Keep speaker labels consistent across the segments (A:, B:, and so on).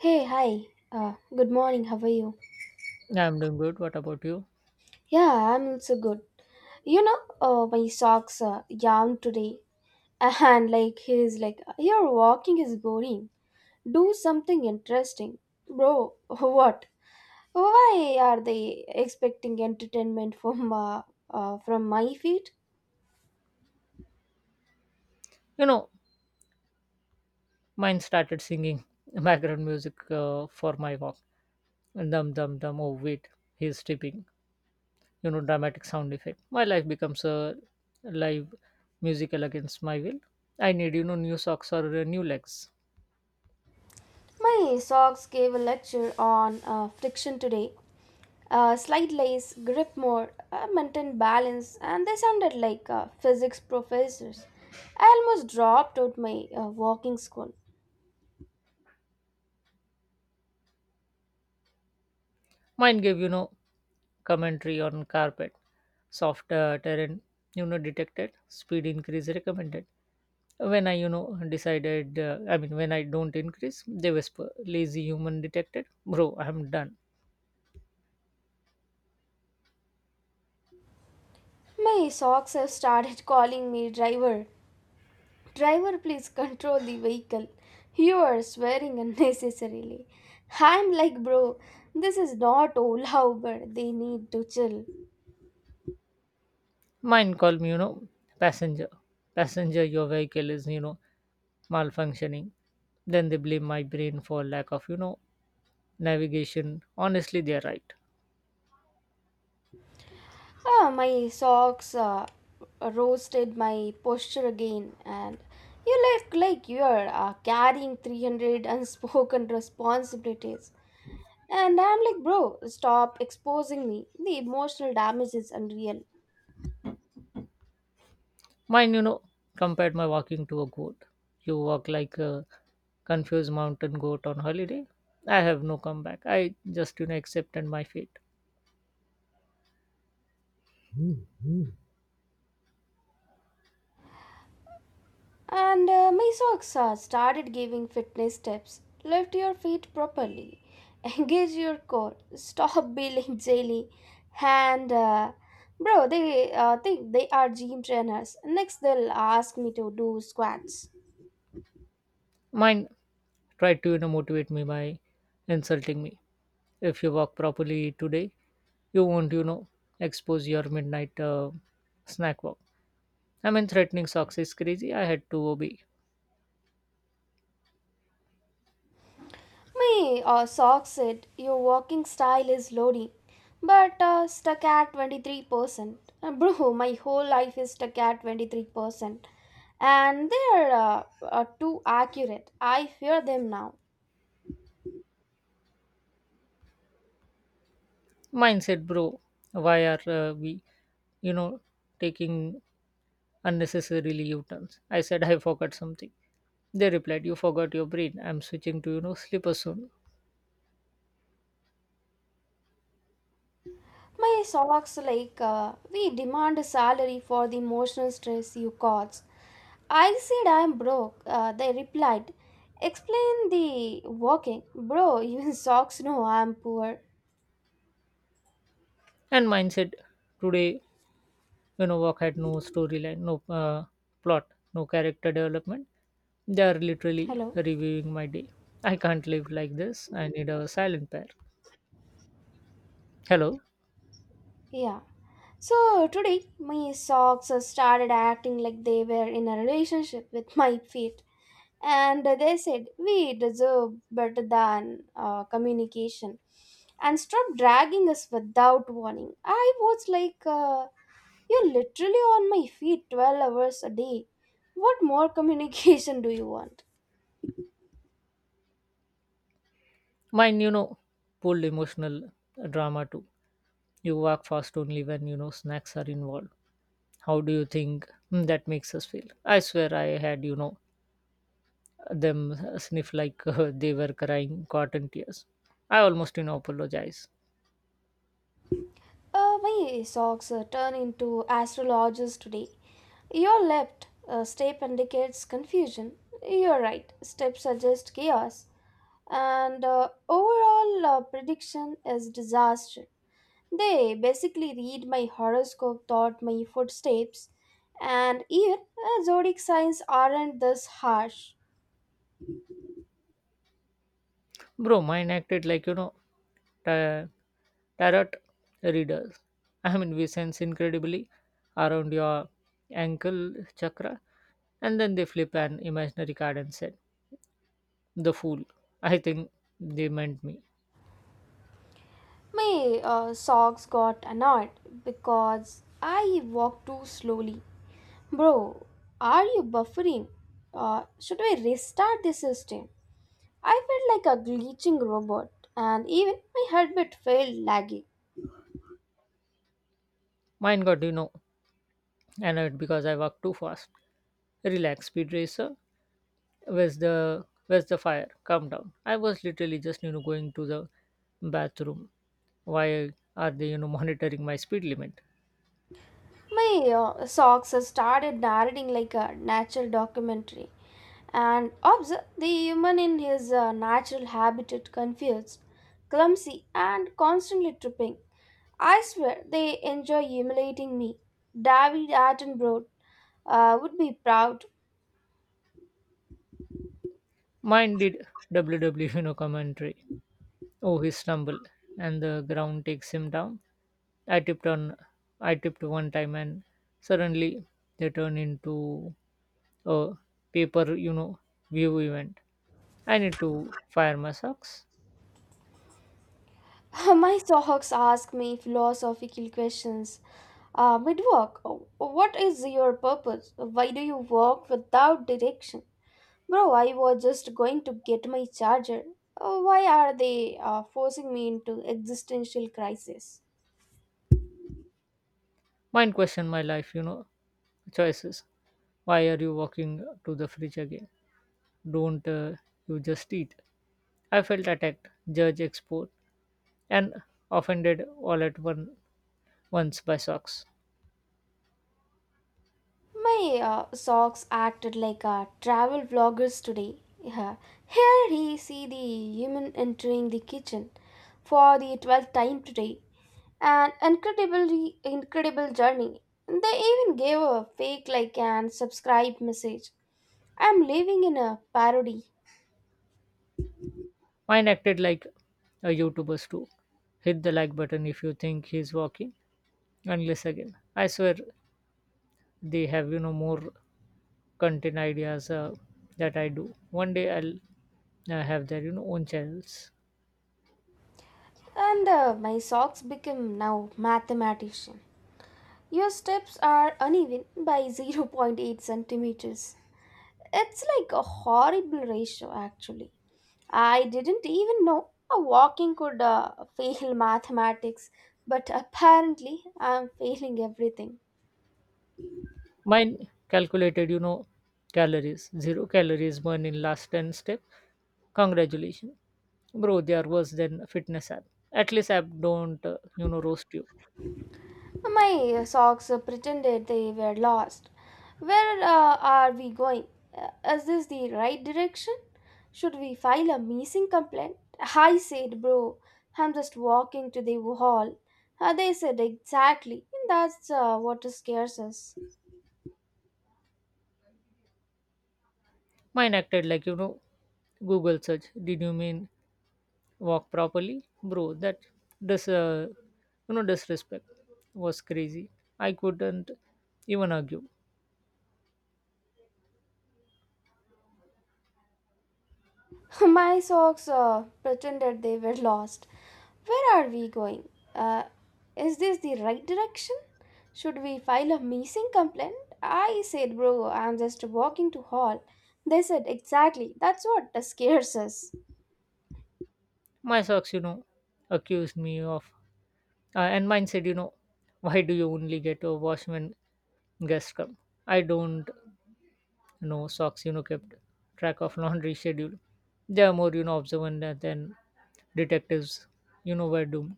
A: Hey, hi. Good morning. How are you?
B: Yeah, I'm doing good. What about you?
A: Yeah, I'm also good. My socks yarn today, and like he's like, your walking is boring. Do something interesting, bro. What? Why are they expecting entertainment from my feet?
B: You know, Mine started singing background music for my walk. Dum dum dum. Oh wait, he's tipping. You know, dramatic sound effect. My life becomes a live musical against my will. I need new socks or new legs.
A: My socks gave a lecture on friction today. Slide lace, grip more, maintain balance, and they sounded like physics professors. I almost dropped out my walking school.
B: Mine gave, you know, commentary on carpet, soft terrain, you know, detected, speed increase recommended. When I, when I don't increase, they whisper, lazy human detected. Bro, I'm done.
A: My socks have started calling me driver. Driver, please control the vehicle. You are swearing unnecessarily. I'm like, bro, this is not Ola Uber. They need to chill.
B: Mine called me, you know, passenger. Passenger, your vehicle is, you know, malfunctioning. Then they blame my brain for lack of, you know, navigation. Honestly, they're right.
A: Ah, my socks roasted my posture again, and you look like you're carrying 300 unspoken responsibilities. And I'm like, bro, stop exposing me. The emotional damage is unreal.
B: Mine, you know, compared my walking to a goat. You walk like a confused mountain goat on holiday. I have no comeback. I just, you know, accepted my fate.
A: And my socks started giving fitness tips. Lift your feet properly. Engage your core. Stop being jelly. And bro, they think they are gym trainers. Next, they'll ask me to do squats.
B: Mine tried to, you know, motivate me by insulting me. If you walk properly today, you won't, you know, expose your midnight snack walk. I mean, threatening socks is crazy. I had to obey.
A: My socks said your walking style is loading, but stuck at 23%. Bro, my whole life is stuck at 23%. And they are too accurate. I fear them now.
B: Mine said, bro, why are we, you know, taking unnecessarily U-turns. I said I forgot something. They replied, you forgot your brain. I'm switching to, you know, sleeper soon.
A: My socks, like, we demand a salary for the emotional stress you caused. I said I'm broke. They replied, explain the walking. Bro, even socks know I'm poor.
B: And mine said, today, you know, walk had no storyline, no plot, no character development. They are literally
A: Hello?
B: reviewing my day. I can't live like this. I need a silent pair. Hello.
A: Yeah. So today, my socks started acting like they were in a relationship with my feet. And they said, We deserve better than communication. And stopped dragging us without warning. I was like, you're literally on my feet 12 hours a day. What more communication do you want?
B: Mine, you know, pulled emotional drama too. You walk fast only when, you know, snacks are involved. How do you think, that makes us feel? I swear I had, you know, them sniff like they were crying cotton tears. I almost, you know, apologize.
A: My socks turn into astrologers today. Your left step indicates confusion. Your right step suggests chaos. And overall prediction is disaster. They basically read my horoscope, thought my footsteps, and even zodiac signs aren't this harsh.
B: Bro, mine acted like, you know, ta- tarot readers. I mean, we sense incredibly around your ankle chakra, and then they flip an imaginary card and said, the fool. I think they meant me.
A: My socks got annoyed because I walked too slowly. Bro, are you buffering? Should we restart the system? I felt like a glitching robot, and even my headband felt laggy.
B: Mine got, you know, annoyed because I walked too fast. Relax, speed racer. Where's the fire? Calm down. I was literally just, you know, going to the bathroom. Why are they, you know, monitoring my speed limit?
A: My socks started narrating like a natural documentary and observe the human in his natural habitat confused, clumsy, and constantly tripping. I swear they enjoy humiliating me. David Attenborough would be proud.
B: Mine did WW, you know, commentary. Oh, he stumbled, and the ground takes him down. I tipped on, I tipped one time, and suddenly they turn into a paper, you know, view event. I need to fire my socks.
A: My socks ask me philosophical questions. Mid walk, what is your purpose? Why do you walk without direction? Bro, I was just going to get my charger. Why are they forcing me into existential crisis?
B: Mine question my life, you know, choices. Why are you walking to the fridge again? Don't You just eat? I felt attacked, judged, exposed, and offended all at once by socks.
A: My socks acted like travel vloggers today. Yeah. Here he see the human entering the kitchen for the 12th time today. An incredibly incredible journey. They even gave a fake like and subscribe message. I'm living in a parody.
B: Mine acted like a YouTuber's too. Hit the like button if you think he's walking, unless again. I swear they have, you know, more content ideas that I do. One day I'll have their, you know, own channels.
A: And my socks became now mathematician. Your steps are uneven by zero point 0.8 centimeters. It's like a horrible ratio, actually. I didn't even know a walking could fail mathematics, but apparently I'm failing everything.
B: Mine calculated, you know, calories, zero calories burned in last 10 steps. Congratulations. Bro, they are worse than a fitness app. At least app don't, you know, roast you.
A: My socks pretended they were lost. Where are we going? Is this the right direction? Should we file a missing complaint? I said, bro, I'm just walking to the hall. They said, Exactly. That's what scares us.
B: Mine acted like, you know, Google search. Did you mean walk properly? Bro, this, uh, you know, disrespect was crazy. I couldn't even argue.
A: My socks pretended they were lost. Where are we going? Uh, is this the right direction? Should we file a missing complaint? I said, bro, I'm just walking to hall. They said, exactly. That's what scares us.
B: My socks, you know, accused me of, and mine said, you know, why do you only get a wash when guest come. I don't know socks, you know, kept track of laundry schedule. They are more, you know, observant than detectives, you know, were doomed.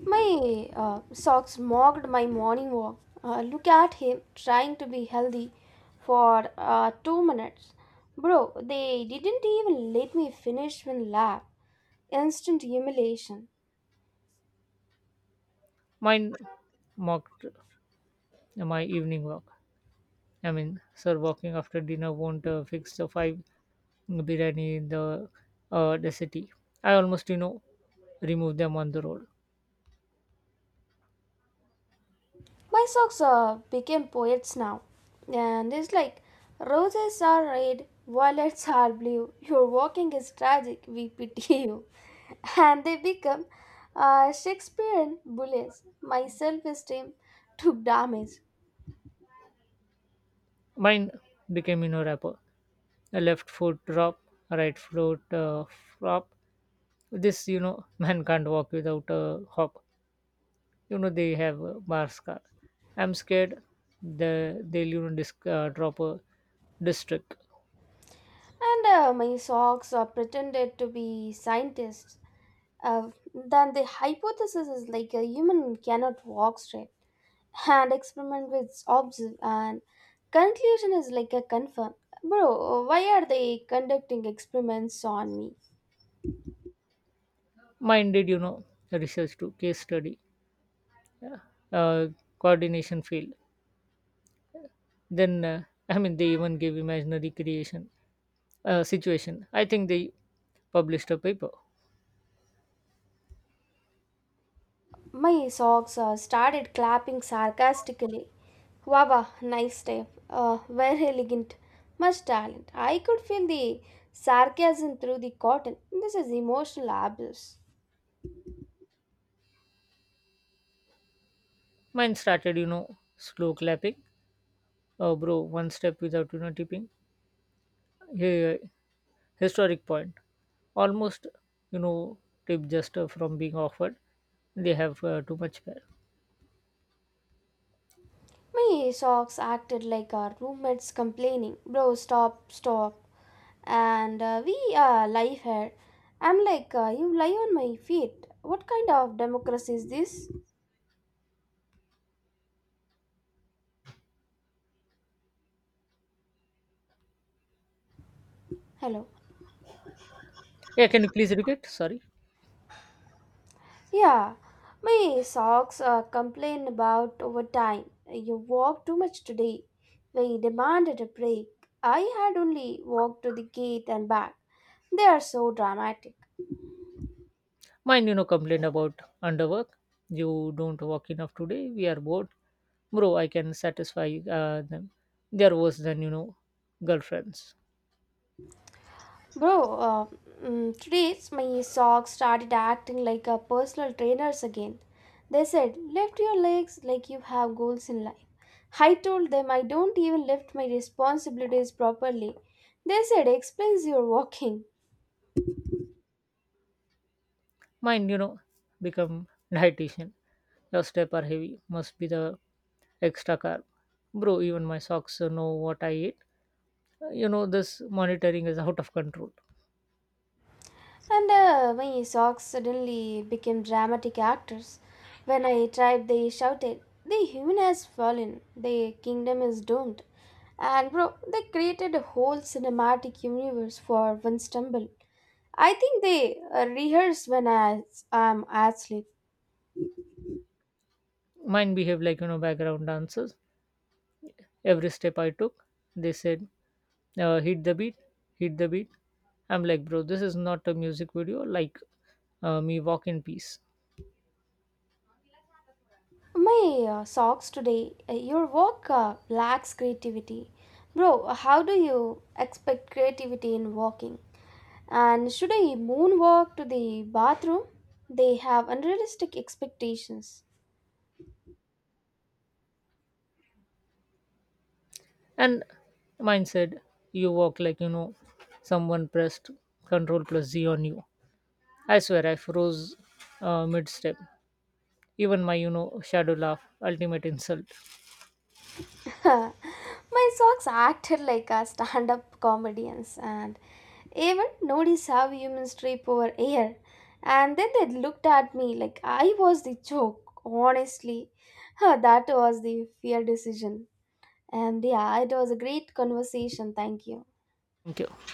A: My socks mocked my morning walk. Look at him trying to be healthy for 2 minutes. Bro, they didn't even let me finish one lap. Instant humiliation.
B: Mine mocked my evening walk. I mean, sir, walking after dinner won't fix the five biryani in the city. I almost, you know, removed them on the road.
A: My socks became poets now. And it's like roses are red, violets are blue. Your walking is tragic, we pity you. And they become Shakespearean bullets. My self esteem took damage.
B: Mine became, you know, rapper. A left foot drop, right foot flop. This, you know, man can't walk without a hop. You know, they have a bar scar. I'm scared the they'll, you know, drop a district.
A: And my socks are pretended to be scientists. Then the hypothesis is like a human cannot walk straight. And experiment with observe and conclusion is like a confirm. Bro, why are they conducting experiments on me?
B: Minded, you know, research to case study, yeah. uh, Coordination field, then I mean they even gave imaginary creation situation. I think they published a paper.
A: My socks started clapping sarcastically. Wow wow, nice step. Very elegant, much talent. I could feel the sarcasm through the cotton. This is emotional abuse.
B: Mine started, you know, slow clapping. Oh bro, one step without, you know, tipping, yeah. Historic point. Almost, you know, tip just from being offered. They have too much fare.
A: My socks acted like our roommates complaining, bro, stop, stop. And we lie here. I'm like, you lie on my feet. What kind of democracy is this? Hello.
B: Yeah, can you please repeat, sorry.
A: Yeah, my socks complain about overtime. You walked too much today. We demanded a break. I had only walked to the gate and back. They are so dramatic.
B: Mine, you know, complain about underwork. You don't work enough today, we are bored. Bro, I can satisfy them. There was then, you know, girlfriends.
A: Bro, uh, today my socks started acting like a personal trainers again. They said, lift your legs like you have goals in life. I told them I don't even lift my responsibilities properly. They said, explains your walking.
B: Mine, you know, become dietitian. Your step are heavy, must be the extra carb. Bro, even my socks know what I eat. You know, this monitoring is out of control.
A: And my socks suddenly became dramatic actors. When I tried, they shouted, the human has fallen, the kingdom is doomed. And bro, they created a whole cinematic universe for one stumble. I think they rehearse when I am asleep.
B: Mine behaved like, you know, background dancers. Every step I took, they said, hit the beat, hit the beat. I'm like, bro, this is not a music video. Like, me walk in peace.
A: My socks today. Your work lacks creativity. Bro, how do you expect creativity in walking? And should I moonwalk to the bathroom? They have unrealistic expectations.
B: And mine said, you walk like, you know, someone pressed control plus Z on you. I swear I froze, mid step. Even my, you know, shadow laugh, ultimate insult.
A: My socks acted like a stand up comedians and even noticed how humans trip over air. And then they looked at me like I was the joke. Honestly, that was the fear decision. And yeah, it was a great conversation. Thank you.
B: Thank you.